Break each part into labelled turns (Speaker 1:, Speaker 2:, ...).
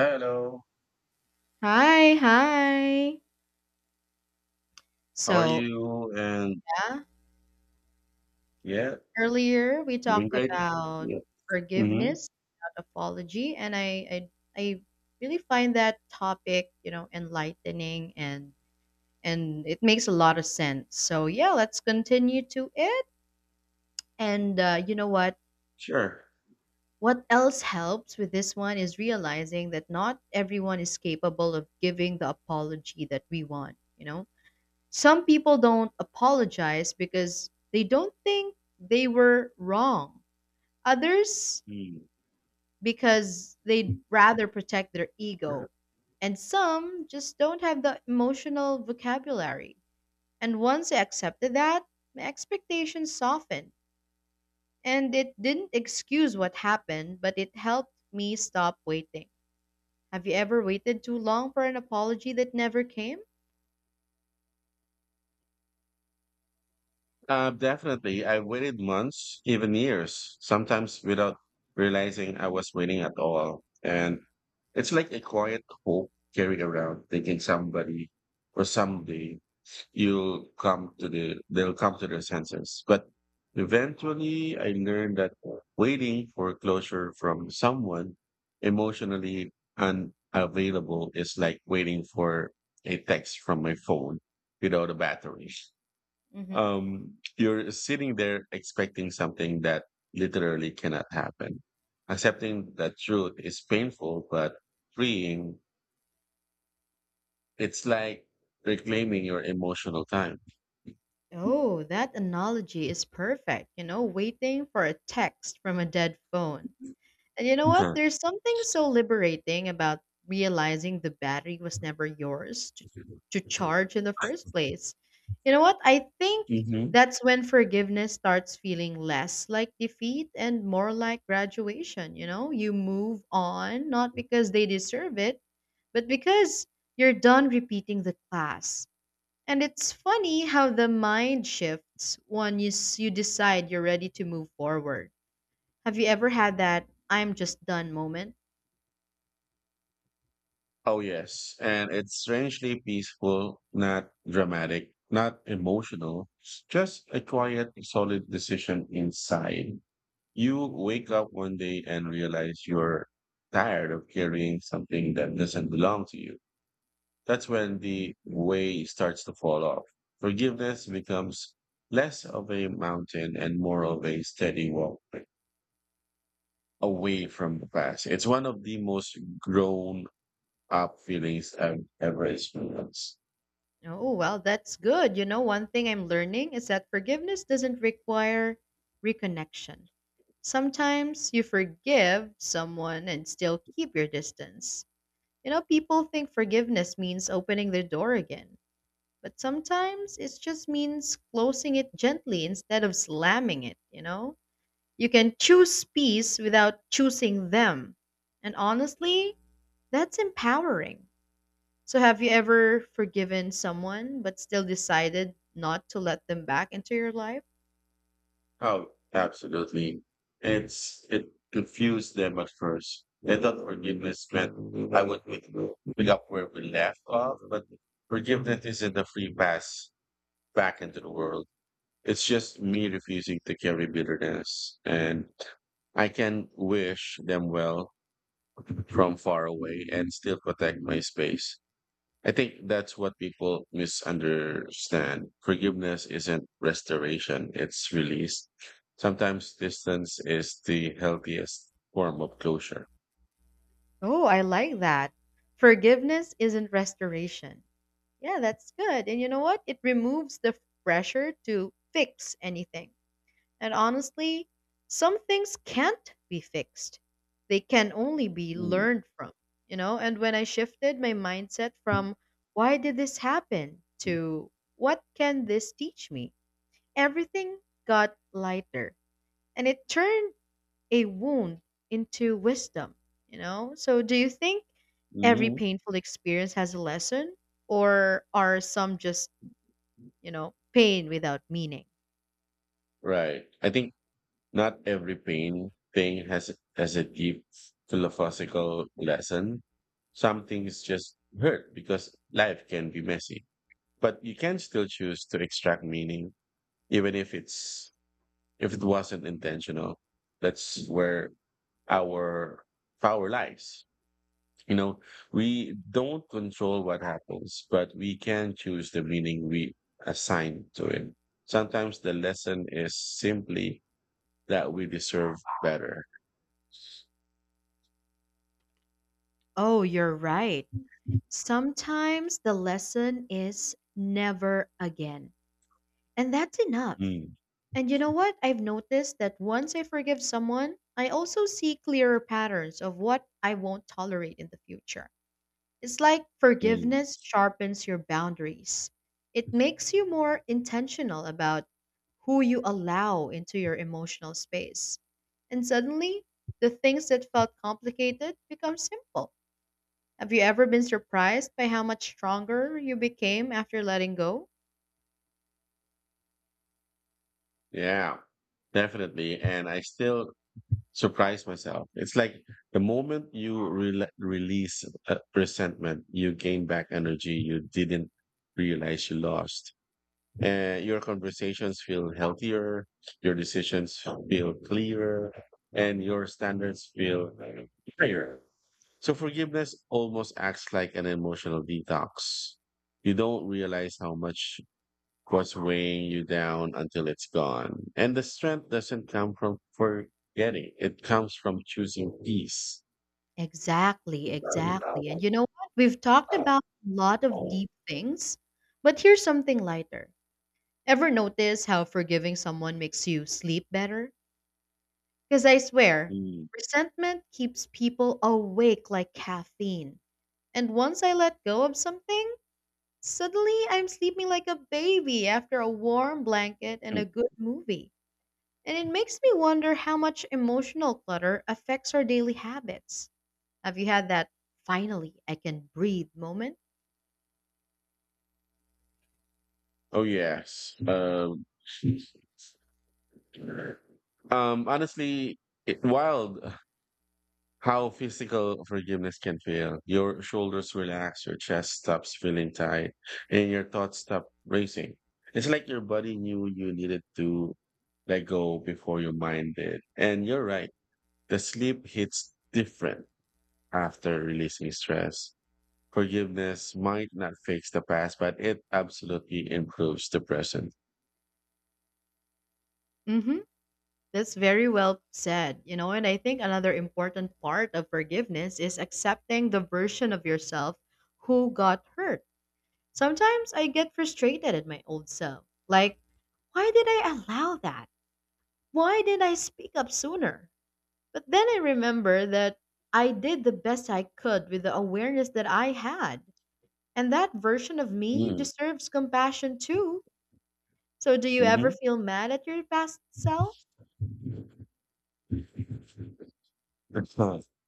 Speaker 1: Hello,
Speaker 2: Hi, hi.
Speaker 1: how are
Speaker 2: So,
Speaker 1: you? And
Speaker 2: yeah,
Speaker 1: yeah,
Speaker 2: earlier we
Speaker 1: doing
Speaker 2: talked
Speaker 1: great.
Speaker 2: about
Speaker 1: Yeah. Hmm.
Speaker 2: forgiveness, about apology, and I really find that topic, you know, enlightening and it makes a lot of sense. So, yeah, let's continue to it. And you know what?
Speaker 1: Sure.
Speaker 2: What else helps with this one is realizing that not everyone is capable of giving the apology that we want, you know? Some people don't apologize because they don't think they were wrong. Others
Speaker 1: Mm.
Speaker 2: because they'd rather protect their ego. And some just don't have the emotional vocabulary. And once I accepted that, my expectations softened. And it didn't excuse what happened, but it helped me stop waiting. Have you ever waited too long for an apology that never came?
Speaker 1: Definitely. I waited months, even years, sometimes without realizing I was waiting at all. And it's like a quiet hope carried around, thinking somebody or someday you'll come to the they'll come to their senses. But eventually I learned that waiting for closure from someone emotionally unavailable is like waiting for a text from my phone without a battery.
Speaker 2: hmm
Speaker 1: You're sitting there expecting something that literally cannot happen. Accepting that truth is painful but freeing. It's like reclaiming your emotional time.
Speaker 2: Oh, that analogy is perfect. You know, waiting for a text from a dead phone. And you know what? There's something so liberating about realizing the battery was never yours to charge in the first place. You know what? I think
Speaker 1: Hmm.
Speaker 2: that's when forgiveness starts feeling less like defeat and more like graduation. You know, you move on not because they deserve it, but because you're done repeating the class, and it's funny how the mind shifts when you decide you're ready to move forward. Have you ever had that I'm just done moment?
Speaker 1: Oh, yes. And it's strangely peaceful, not dramatic, not emotional, just a quiet, solid decision inside. You wake up one day and realize you're tired of carrying something that doesn't belong to you. That's when the weight starts to fall off. Forgiveness becomes less of a mountain and more of a steady walk away from the past. It's one of the most grown up feelings and average moments.
Speaker 2: Oh, well, that's good. You know, one thing I'm learning is that forgiveness doesn't require reconnection. Sometimes you forgive someone and still keep your distance. You know, people think forgiveness means opening their door again, but sometimes it just means closing it gently instead of slamming it, you know? You can choose peace without choosing them. And honestly, that's empowering. So, have you ever forgiven someone but still decided not to let them back into your life?
Speaker 1: Oh, absolutely. It confused them at first. They thought forgiveness meant I would pick up where we left off, but forgiveness isn't a free pass back into the world. It's just me refusing to carry bitterness. And I can wish them well from far away and still protect my space. I think that's what people misunderstand. Forgiveness isn't restoration, it's release. Sometimes distance is the healthiest form of closure.
Speaker 2: Oh, I like that. Forgiveness isn't restoration. Yeah, that's good. And you know what? It removes the pressure to fix anything. And honestly, some things can't be fixed. They can only be
Speaker 1: Mm,
Speaker 2: learned from, you know? And when I shifted my mindset from why did this happen to what can this teach me? Everything got lighter, and it turned a wound into wisdom, you know? So do you think every
Speaker 1: mhm.
Speaker 2: painful experience has a lesson, or are some just, you know, pain without meaning?
Speaker 1: Right. I think not every pain thing has a deep philosophical lesson. Some things just hurt because life can be messy. But you can still choose to extract meaning even if it wasn't intentional. That's where our our lives. You know, we don't control what happens, but we can choose the meaning we assign to it. Sometimes the lesson is simply that we deserve better.
Speaker 2: Oh, you're right. Sometimes the lesson is never again. And that's enough.
Speaker 1: Mm,
Speaker 2: And you know what? I've noticed that once I forgive someone, I also see clearer patterns of what I won't tolerate in the future. It's like
Speaker 1: mm.
Speaker 2: forgiveness sharpens your boundaries, it makes you more intentional about who you allow into your emotional space. And suddenly, the things that felt complicated become simple. Have you ever been surprised by how much stronger you became after letting go?
Speaker 1: Yeah, definitely. And I still surprise myself. It's like the moment you rela release resentment, you gain back energy you didn't realize you lost. And your conversations feel healthier, your decisions feel clearer, and your standards feel higher. So forgiveness almost acts like an emotional detox. You don't realize how much was weighing you down until it's gone. And the strength doesn't come from forgetting. It comes from choosing peace.
Speaker 2: Exactly,
Speaker 1: Mm.
Speaker 2: exactly. And you know what? We've talked about a lot of deep things, but here's something lighter. Ever notice how forgiving someone makes you sleep better? Because I swear,
Speaker 1: Mm.
Speaker 2: resentment keeps people awake like caffeine. And once I let go of something, suddenly I'm sleeping like a baby after a warm blanket and a good movie. And it makes me wonder how much emotional clutter affects our daily habits. Have you had that finally I can breathe moment?
Speaker 1: Oh yes. Honestly, it, wild how physical forgiveness can feel. Your shoulders relax, your chest stops feeling tight, and your thoughts stop racing. It's like your body knew you needed to let go before your mind did. And you're right, the sleep hits different after releasing stress. Forgiveness might not fix the past, but it absolutely improves the present.
Speaker 2: hmm That's very well said. You know, and I think another important part of forgiveness is accepting the version of yourself who got hurt. Sometimes I get frustrated at my old self. Like, why did I allow that? Why didn't I speak up sooner? But then I remember that I did the best I could with the awareness that I had. And that version of me
Speaker 1: Mm,
Speaker 2: deserves compassion too. So, do you
Speaker 1: mm-hmm.
Speaker 2: ever feel mad at your past self?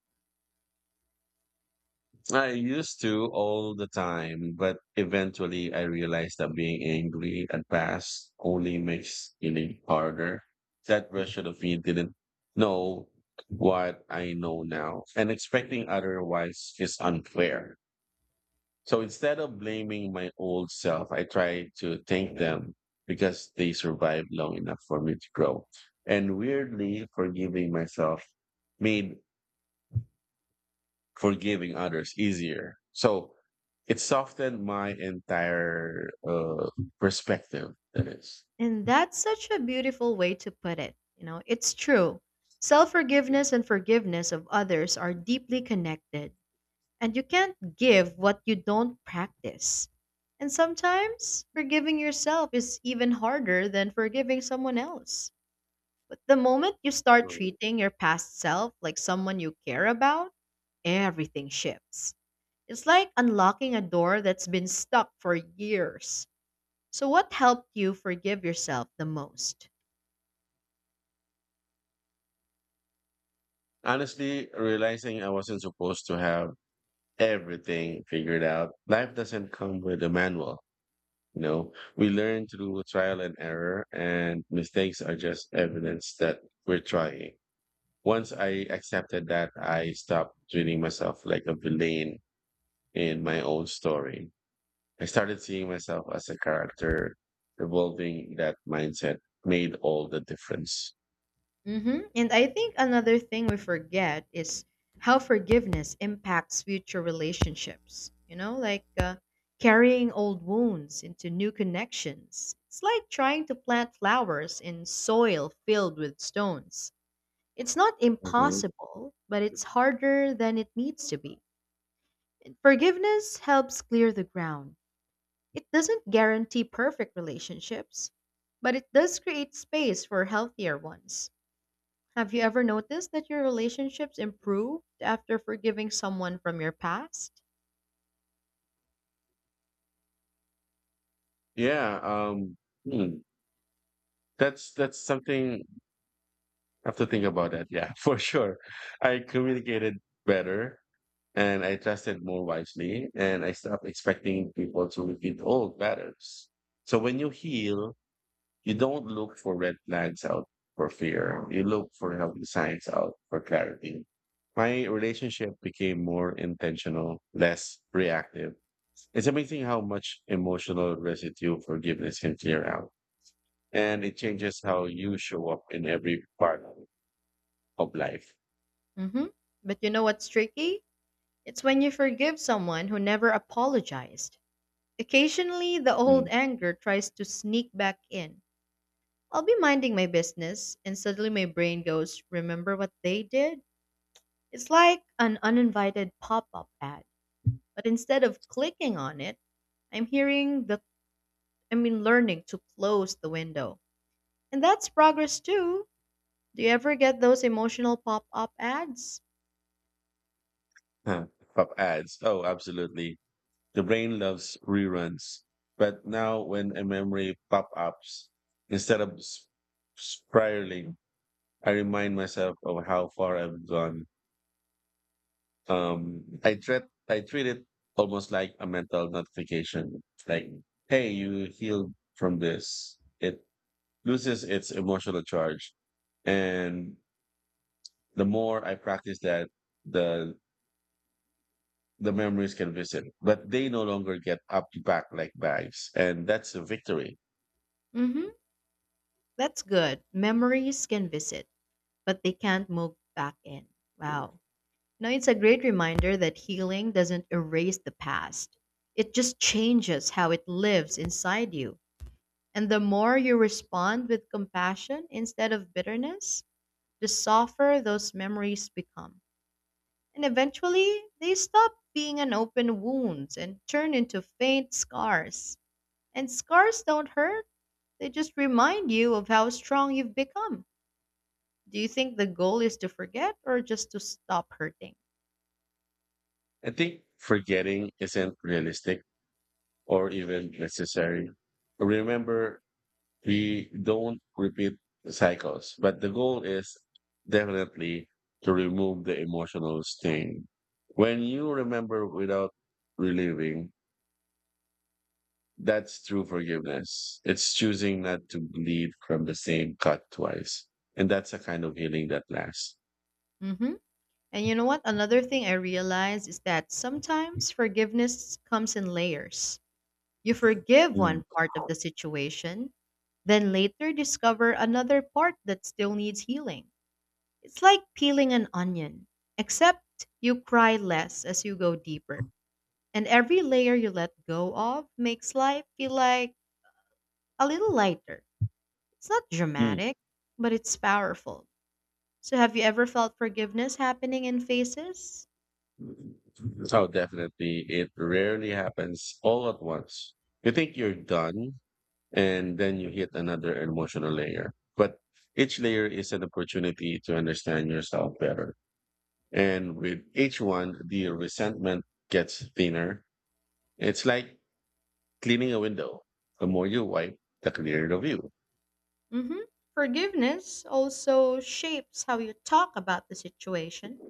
Speaker 1: I used to all the time, but eventually I realized that being angry at past only makes it harder. That version of me didn't know what I know now, and expecting otherwise is unfair. So instead of blaming my old self, I try to thank them because they survived long enough for me to grow. And weirdly, forgiving myself made forgiving others easier. So it softened my entire perspective. That is
Speaker 2: And that's such a beautiful way to put it. You know, it's true. Self forgiveness and forgiveness of others are deeply connected, and you can't give what you don't practice. And sometimes forgiving yourself is even harder than forgiving someone else. But the moment you start
Speaker 1: mm.
Speaker 2: treating your past self like someone you care about, everything shifts. It's like unlocking a door that's been stuck for years. So, what helped you forgive yourself the most?
Speaker 1: Honestly realizing I wasn't supposed to have everything figured out. Life doesn't come with a manual. You know, we learn through trial and error, and mistakes are just evidence that we're trying. Once I accepted that, I stopped treating myself like a villain in my own story. I started seeing myself as a character, evolving that mindset made all the difference.
Speaker 2: And I think another thing we forget is how forgiveness impacts future relationships. You know, like carrying old wounds into new connections. It's like trying to plant flowers in soil filled with stones. It's not
Speaker 1: Mhm.
Speaker 2: impossible, but it's harder than it needs to be. Forgiveness helps clear the ground. It doesn't guarantee perfect relationships, but it does create space for healthier ones. Have you ever noticed that your relationships improved after forgiving someone from your past?
Speaker 1: Yeah, hmm, that's something have to think about that. Yeah, for sure. I communicated better and I trusted more wisely and I stopped expecting people to repeat old patterns. So when you heal, you don't look for red flags out for fear. You look for healthy signs out for clarity. My relationship became more intentional, less reactive. It's amazing how much emotional residue forgiveness can clear out. And it changes how you show up in every part of life.
Speaker 2: Mm-hmm. But you know what's tricky? It's when you forgive someone who never apologized. Occasionally, the old
Speaker 1: Mm.
Speaker 2: anger tries to sneak back in. I'll be minding my business, and suddenly my brain goes, "Remember what they did?" It's like an uninvited pop up ad. But instead of clicking on it, I'm hearing the I mean learning to close the window. And that's progress too. Do you ever get those emotional pop-up ads?
Speaker 1: Huh. Of ads. Oh, absolutely. The brain loves reruns. But now when a memory pop ups, instead of spiraling, I remind myself of how far I've gone. Um, I treat I treat it almost like a mental notification. Like, hey, you healed from this. It loses its emotional charge. And the more I practice that, the the memories can visit, but they no longer get up the back like bags, and that's a victory.
Speaker 2: Mhm. That's good. Memories can visit, but they can't move back in. Wow. Now it's a great reminder that healing doesn't erase the past. It just changes how it lives inside you. And the more you respond with compassion instead of bitterness, the softer those memories become. And eventually, they stop being an open wound and turn into faint scars. And scars don't hurt, they just remind you of how strong you've become. Do you think the goal is to forget or just to stop hurting?
Speaker 1: I think forgetting isn't realistic or even necessary. Remember, we don't repeat cycles, but the goal is definitely to remove the emotional sting. When you remember without reliving, that's true forgiveness. It's choosing not to bleed from the same cut twice. And that's a kind of healing that lasts.
Speaker 2: hmm And you know what? Another thing I realize is that sometimes forgiveness comes in layers. You forgive
Speaker 1: Mm.
Speaker 2: one part of the situation, then later discover another part that still needs healing. It's like peeling an onion, except you cry less as you go deeper. And every layer you let go of makes life feel like a little lighter. It's not
Speaker 1: Mm.
Speaker 2: dramatic, but it's powerful. So, have you ever felt forgiveness happening in phases?
Speaker 1: Oh, definitely. It rarely happens all at once. You think you're done, and then you hit another emotional layer. But each layer is an opportunity to understand yourself better. And with each one, the resentment gets thinner. It's like cleaning a window. The more you wipe, the clearer the view.
Speaker 2: hmm Forgiveness also shapes how you talk about the situation.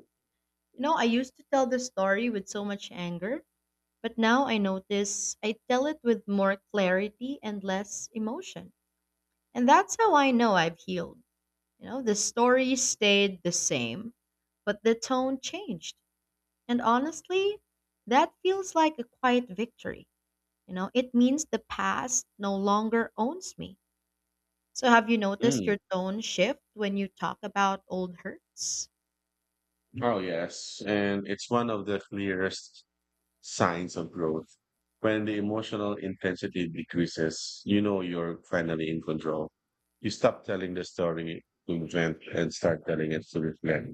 Speaker 2: You know, I used to tell the story with so much anger, but now I notice I tell it with more clarity and less emotion. And that's how I know I've healed. You know, the story stayed the same, but the tone changed. And honestly, that feels like a quiet victory. You know, it means the past no longer owns me. So have you noticed
Speaker 1: Mm.
Speaker 2: your tone shift when you talk about old hurts?
Speaker 1: Oh, yes. And it's one of the clearest signs of growth. When the emotional intensity decreases, you know you're finally in control. You stop telling the story to vent and start telling it to reflect.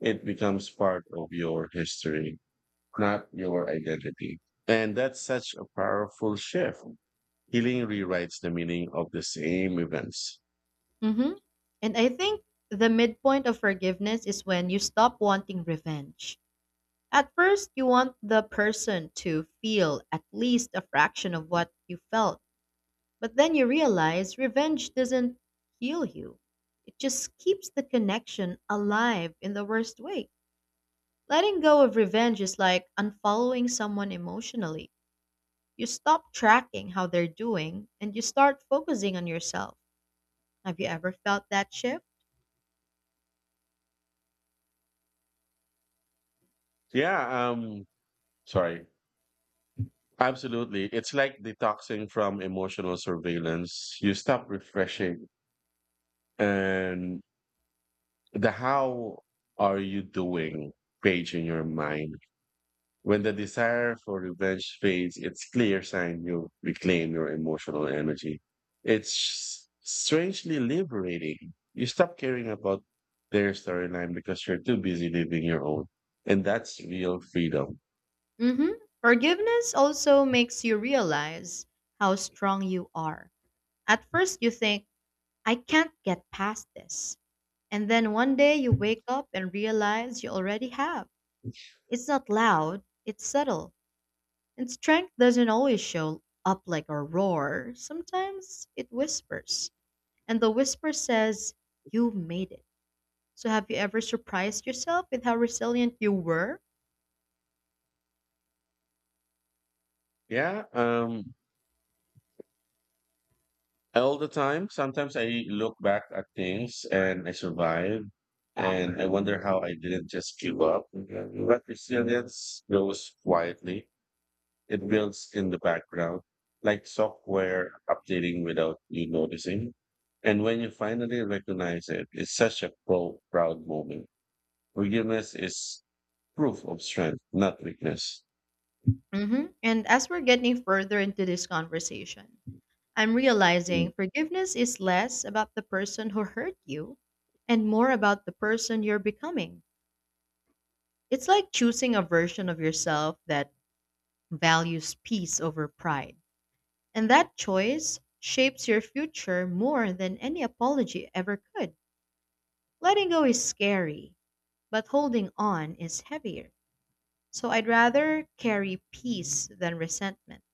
Speaker 1: It becomes part of your history, not your identity. And that's such a powerful shift. Healing rewrites the meaning of the same events.
Speaker 2: Mm-hmm. And I think the midpoint of forgiveness is when you stop wanting revenge. At first, you want the person to feel at least a fraction of what you felt. But then you realize revenge doesn't heal you. It just keeps the connection alive in the worst way. Letting go of revenge is like unfollowing someone emotionally. You stop tracking how they're doing and you start focusing on yourself. Have you ever felt that shift?
Speaker 1: Yeah, sorry. Absolutely. It's like detoxing from emotional surveillance. You stop refreshing and the how are you doing page in your mind. When the desire for revenge fades, it's clear sign you reclaim your emotional energy. It's strangely liberating. You stop caring about their storyline because you're too busy living your own. And that's real freedom.
Speaker 2: Mm-hmm. Forgiveness also makes you realize how strong you are. At first, you think, I can't get past this. And then one day you wake up and realize you already have. It's not loud, it's subtle, and strength doesn't always show up like a roar. Sometimes it whispers, and the whisper says, You made it. So, have you ever surprised yourself with how resilient you were?
Speaker 1: Yeah, all the time. Sometimes I look back at things and I survive and I wonder how I didn't just give up. But resilience goes quietly. It builds in the background, like software updating without you noticing. And when you finally recognize it, it's such a proud moment. Forgiveness is proof of strength, not weakness.
Speaker 2: Mm-hmm. And as we're getting further into this conversation, I'm realizing forgiveness is less about the person who hurt you and more about the person you're becoming. It's like choosing a version of yourself that values peace over pride. And that choice shapes your future more than any apology ever could. Letting go is scary, but holding on is heavier. So I'd rather carry peace than resentment.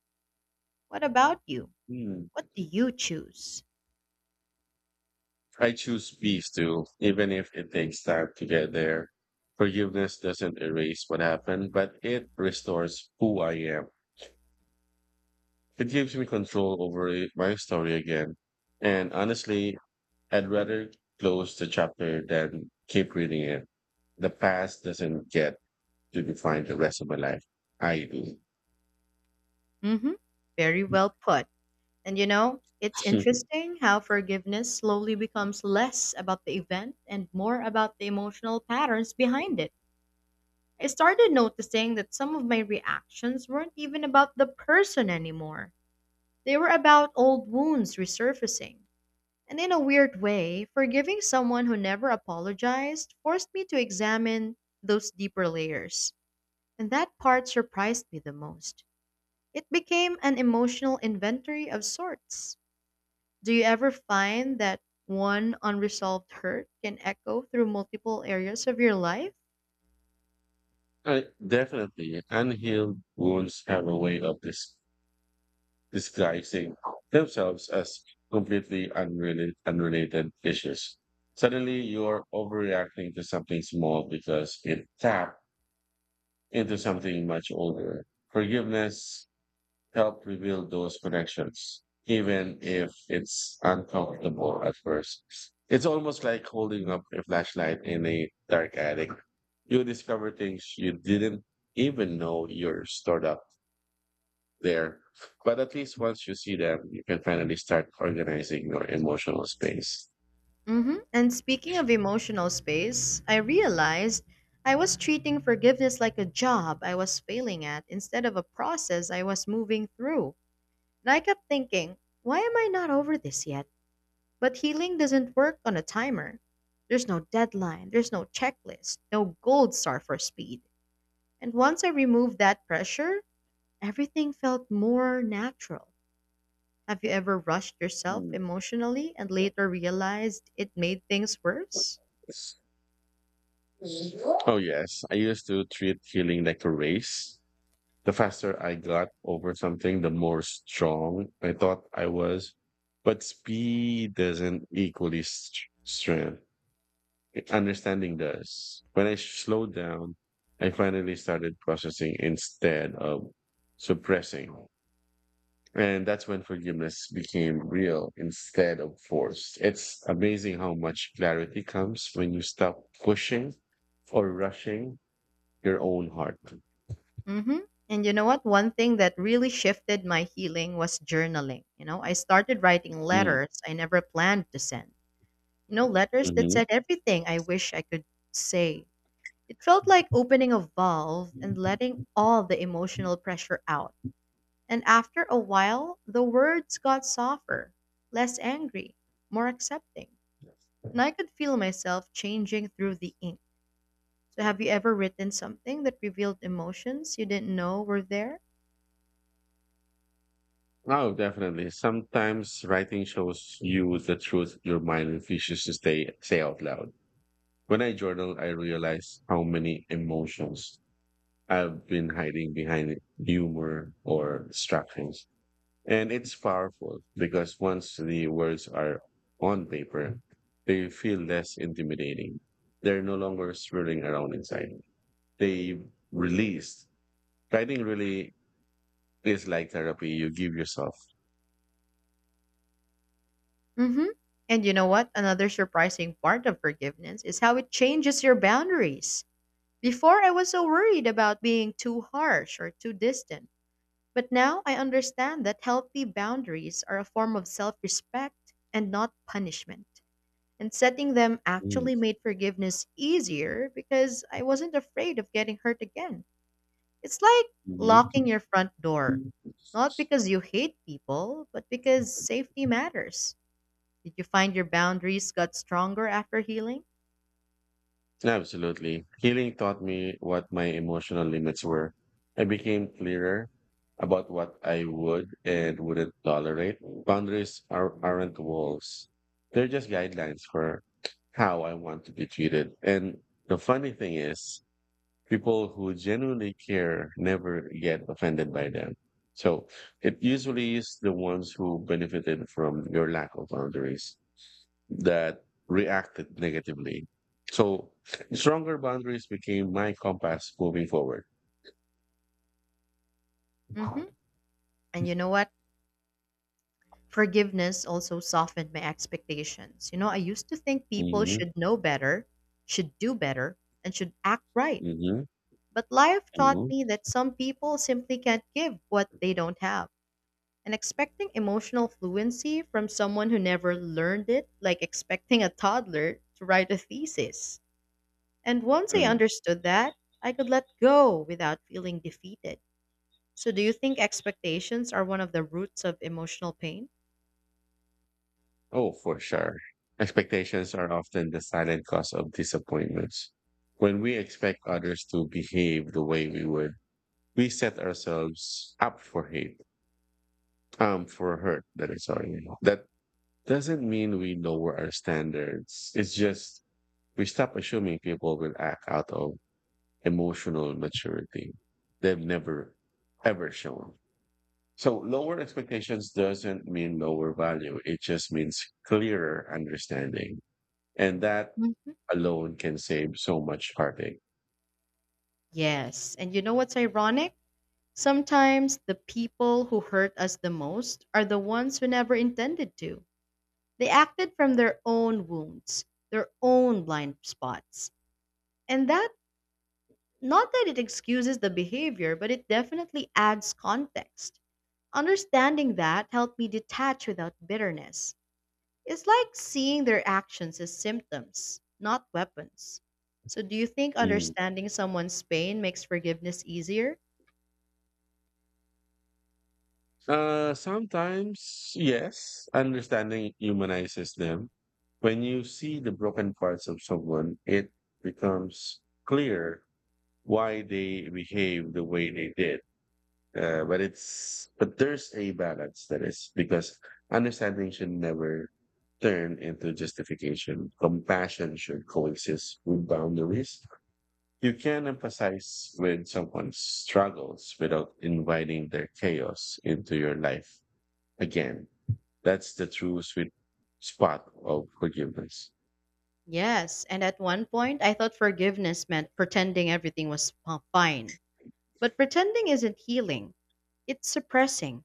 Speaker 2: What about you?
Speaker 1: Mhm.
Speaker 2: What do you choose?
Speaker 1: I choose peace too, even if it takes time to get there. Forgiveness doesn't erase what happened, but it restores who I am. It gives me control over my story again. And honestly, I'd rather close the chapter than keep reading it. The past doesn't get to define the rest of my life. I
Speaker 2: Mm-hmm. Very
Speaker 1: do.
Speaker 2: well put. And you know, it's interesting how forgiveness slowly becomes less about the event and more about the emotional patterns behind it. I started noticing that some of my reactions weren't even about the person anymore. They were about old wounds resurfacing, and in a weird way, forgiving someone who never apologized forced me to examine those deeper layers. And that part surprised me the most. It became an emotional inventory of sorts. Do you ever find that one unresolved hurt can echo through multiple areas of your life?
Speaker 1: I definitely unhealed wounds have a way of disguising themselves as unrelated issues. Suddenly, you're overreacting to something small because it tapped into something much older. Forgiveness help reveal those connections, even if it's uncomfortable at first. It's almost like holding up a flashlight in a dark attic. You discover things you didn't even know you're stored up there. But at least once you see them, you can finally start organizing your emotional space.
Speaker 2: And speaking of emotional space, I realized I was treating forgiveness like a job I was failing at instead of a process I was moving through. And I kept thinking, why am I not over this yet? But healing doesn't work on a timer. There's no deadline, there's no checklist, no gold star for speed. And once I removed that pressure, everything felt more natural. Have you ever rushed yourself
Speaker 1: Mm.
Speaker 2: emotionally and later realized it made things worse?
Speaker 1: Yes. Oh, yes. I used to treat healing like a race. The faster I got over something, the more strong I thought I was. But speed doesn't equally strength. Understanding does. When I slowed down, I finally started processing instead of suppressing. And that's when forgiveness became real instead of forced. It's amazing how much clarity comes when you stop pushing or rushing your own heart.
Speaker 2: Mm-hmm. And you know what? One thing that really shifted my healing was journaling. You know, I started writing
Speaker 1: Hmm,
Speaker 2: letters I never planned to send. You know, letters that
Speaker 1: mm-hmm.
Speaker 2: said everything I wish I could say. It felt like opening a valve and letting all the emotional pressure out. And after a while, the words got softer, less angry, more accepting. And I could feel myself changing through the ink. So, have you ever written something that revealed emotions you didn't know were there?
Speaker 1: Oh, definitely. Sometimes writing shows you the truth your mind refuses to say out loud. When I journal, I realize how many emotions I've been hiding behind humor or distractions. And it's powerful because once the words are on paper, they feel less intimidating. They're no longer swirling around inside. They release. Writing really is like therapy. You give yourself.
Speaker 2: Hmm. And you know what? Another surprising part of forgiveness is how it changes your boundaries. Before, I was so worried about being too harsh or too distant. But now I understand that healthy boundaries are a form of self respect and not punishment. And setting them
Speaker 1: Mm.
Speaker 2: actually made forgiveness easier because I wasn't afraid of getting hurt again. It's like locking
Speaker 1: Mhm.
Speaker 2: your front door, not because you hate people, but because safety matters. Did you find your boundaries got stronger after healing?
Speaker 1: Absolutely. Healing taught me what my emotional limits were. I became clearer about what I would and wouldn't tolerate. Aren't walls, they're just guidelines for how I want to be treated. And the funny thing is, people who genuinely care never get offended by them. So it usually is the ones who benefited from your lack of boundaries that reacted negatively. So stronger boundaries became my compass moving forward.
Speaker 2: Hmm. And you know what? Forgiveness also softened my expectations. I used to think people
Speaker 1: Hmm.
Speaker 2: should know better, should do better, and should act right.
Speaker 1: Hmm.
Speaker 2: But life taught
Speaker 1: Hmm.
Speaker 2: me that some people simply can't give what they don't have. And expecting emotional fluency from someone who never learned it, like expecting a toddler to write a thesis. And once I
Speaker 1: Mm.
Speaker 2: understood that, I could let go without feeling defeated. So, do you think expectations are one of the roots of emotional pain?
Speaker 1: Oh, for sure. Expectations are often the silent cause of disappointments. When we expect others to behave the way we would, we set ourselves up for for hurt. That is sorry. That doesn't mean we lower our standards. It's just we stop assuming people will act out of emotional maturity they've never ever shown. So lower expectations doesn't mean lower value. It just means clearer understanding. And that
Speaker 2: Mhm.
Speaker 1: alone can save so much heartache.
Speaker 2: Yes. And you know what's ironic? Sometimes the people who hurt us the most are the ones who never intended to. They acted from their own wounds, their own blind spots. And that, not that it excuses the behavior, but it definitely adds context. Understanding that helped me detach without bitterness. It's like seeing their actions as symptoms, not weapons. So, do you think
Speaker 1: Mm.
Speaker 2: understanding someone's pain makes forgiveness easier?
Speaker 1: Sometimes, yes, understanding humanizes them. When you see the broken parts of someone, it becomes clear why they behave the way they did. But there's a balance that is because understanding should never turn into justification. Compassion should coexist with boundaries. You can emphasize with someone's struggles without inviting their chaos into your life. Again, that's the true sweet spot of forgiveness.
Speaker 2: Yes, and at one point I thought forgiveness meant pretending everything was fine. But pretending isn't healing, it's suppressing.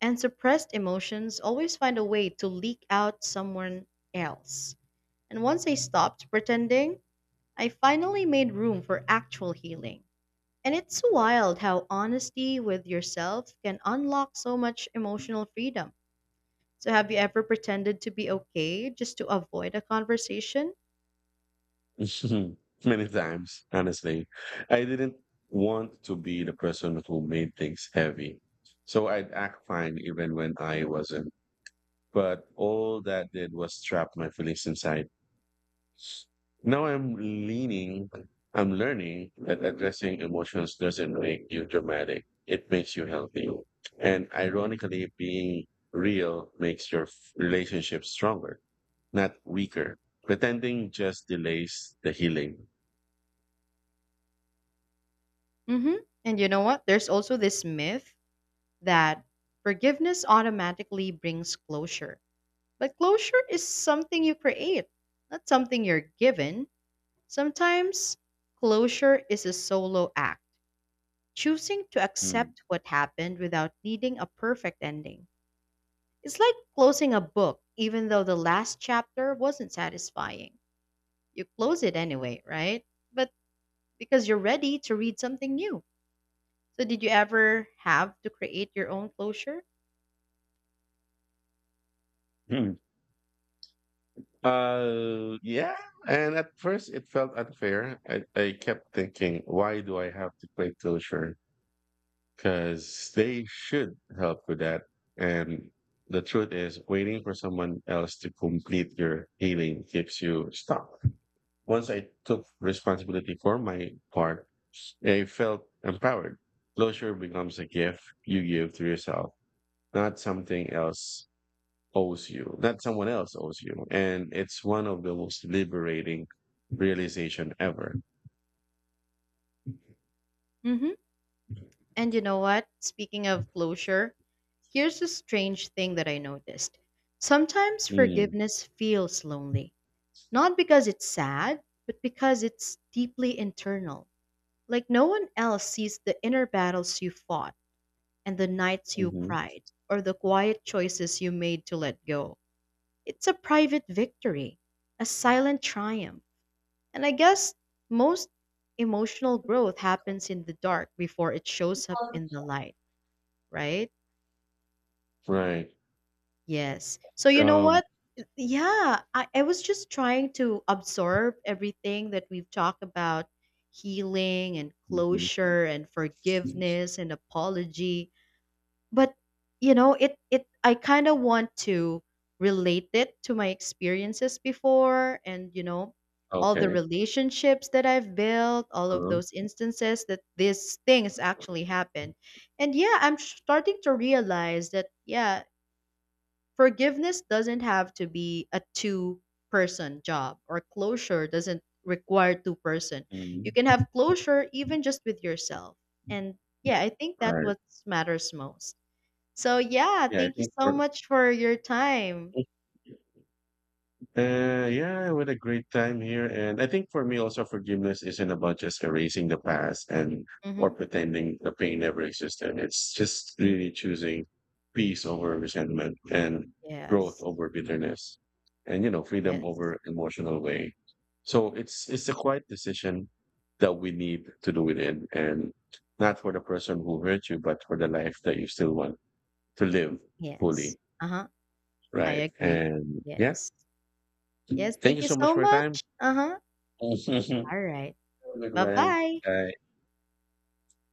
Speaker 2: And suppressed emotions always find a way to leak out someone else. And once I stopped pretending, I finally made room for actual healing. And it's wild how honesty with yourself can unlock so much emotional freedom. So, have you ever pretended to be okay just to avoid a conversation?
Speaker 1: Mhm. Many times, honestly. I didn't want to be the person who made things heavy. So I'd act fine even when I wasn't. But all that did was trap my feelings inside. Now I'm leaning, I'm learning that addressing emotions doesn't make you dramatic. It makes you healthy. And ironically, being real makes your relationship stronger, not weaker. Pretending just delays the healing.
Speaker 2: Hmm. And you know what? There's also this myth that forgiveness automatically brings closure. But closure is something you create, not something you're given. Sometimes closure is a solo act, choosing to
Speaker 1: Mm.
Speaker 2: accept what happened without needing a perfect ending. It's like closing a book, even though the last chapter wasn't satisfying. You close it anyway, right? But because you're ready to read something new. So, did you ever have to create your own closure?
Speaker 1: Mm. Yeah. And at first, it felt unfair. I kept thinking, why do I have to play Tilshire? Because they should help with that. And the truth is, waiting for someone else to complete your healing keeps you stuck. Once I took responsibility for my part, I felt empowered. Closure becomes a gift you give to yourself, not something else owes you, not someone else owes you. And it's one of the most liberating realization ever.
Speaker 2: Hmm. And you know what? Speaking of closure, here's a strange thing that I noticed. Sometimes
Speaker 1: Mm,
Speaker 2: forgiveness feels lonely, not because it's sad, but because it's deeply internal. Like no one else sees the inner battles you fought and the nights you
Speaker 1: mhm.
Speaker 2: cried, or the quiet choices you made to let go. It's a private victory, a silent triumph. And I guess most emotional growth happens in the dark before it shows up
Speaker 1: Well,
Speaker 2: in the light, right?
Speaker 1: right.
Speaker 2: Yes. So, you know
Speaker 1: Um,
Speaker 2: what? Yeah, I was just trying to absorb everything that we've talked about: healing and
Speaker 1: mhm.
Speaker 2: closure and forgiveness and apology. But you know, it I kind of want to relate it to my experiences before, and you know, all the
Speaker 1: Okay.
Speaker 2: relationships that I've built, all of
Speaker 1: Uh-huh.
Speaker 2: those instances that these things actually happened. And yeah, I'm starting to realize that, yeah, forgiveness doesn't have to be a two-person job, or closure doesn't require two person. You
Speaker 1: Mhm.
Speaker 2: can have closure even just with yourself. And yeah, I think
Speaker 1: All
Speaker 2: that
Speaker 1: right.
Speaker 2: what matters most. So yeah,
Speaker 1: Yeah, I
Speaker 2: thank you
Speaker 1: think
Speaker 2: so much for your time.
Speaker 1: we yeah, what a great time here. And I think for me also forgiveness isn't about just erasing the past and or
Speaker 2: Mhm.
Speaker 1: pretending the pain never existed. It's just really choosing peace over resentment and growth
Speaker 2: Yes.
Speaker 1: over bitterness and, you know, freedom
Speaker 2: Yes.
Speaker 1: over emotional way. So it's a
Speaker 2: Yes.
Speaker 1: quiet decision that we need to do within and not for the person who hurt you, but for the life that you still want to live
Speaker 2: Yes.
Speaker 1: fully.
Speaker 2: Uh-huh. I
Speaker 1: Right.
Speaker 2: agree.
Speaker 1: And yeah.
Speaker 2: Yes. Yes,
Speaker 1: Thank
Speaker 2: thank
Speaker 1: you
Speaker 2: you
Speaker 1: so much
Speaker 2: so
Speaker 1: for your time.
Speaker 2: much. Uh-huh.
Speaker 1: Have a
Speaker 2: All right.
Speaker 1: good one.
Speaker 2: Bye-bye.
Speaker 1: Bye.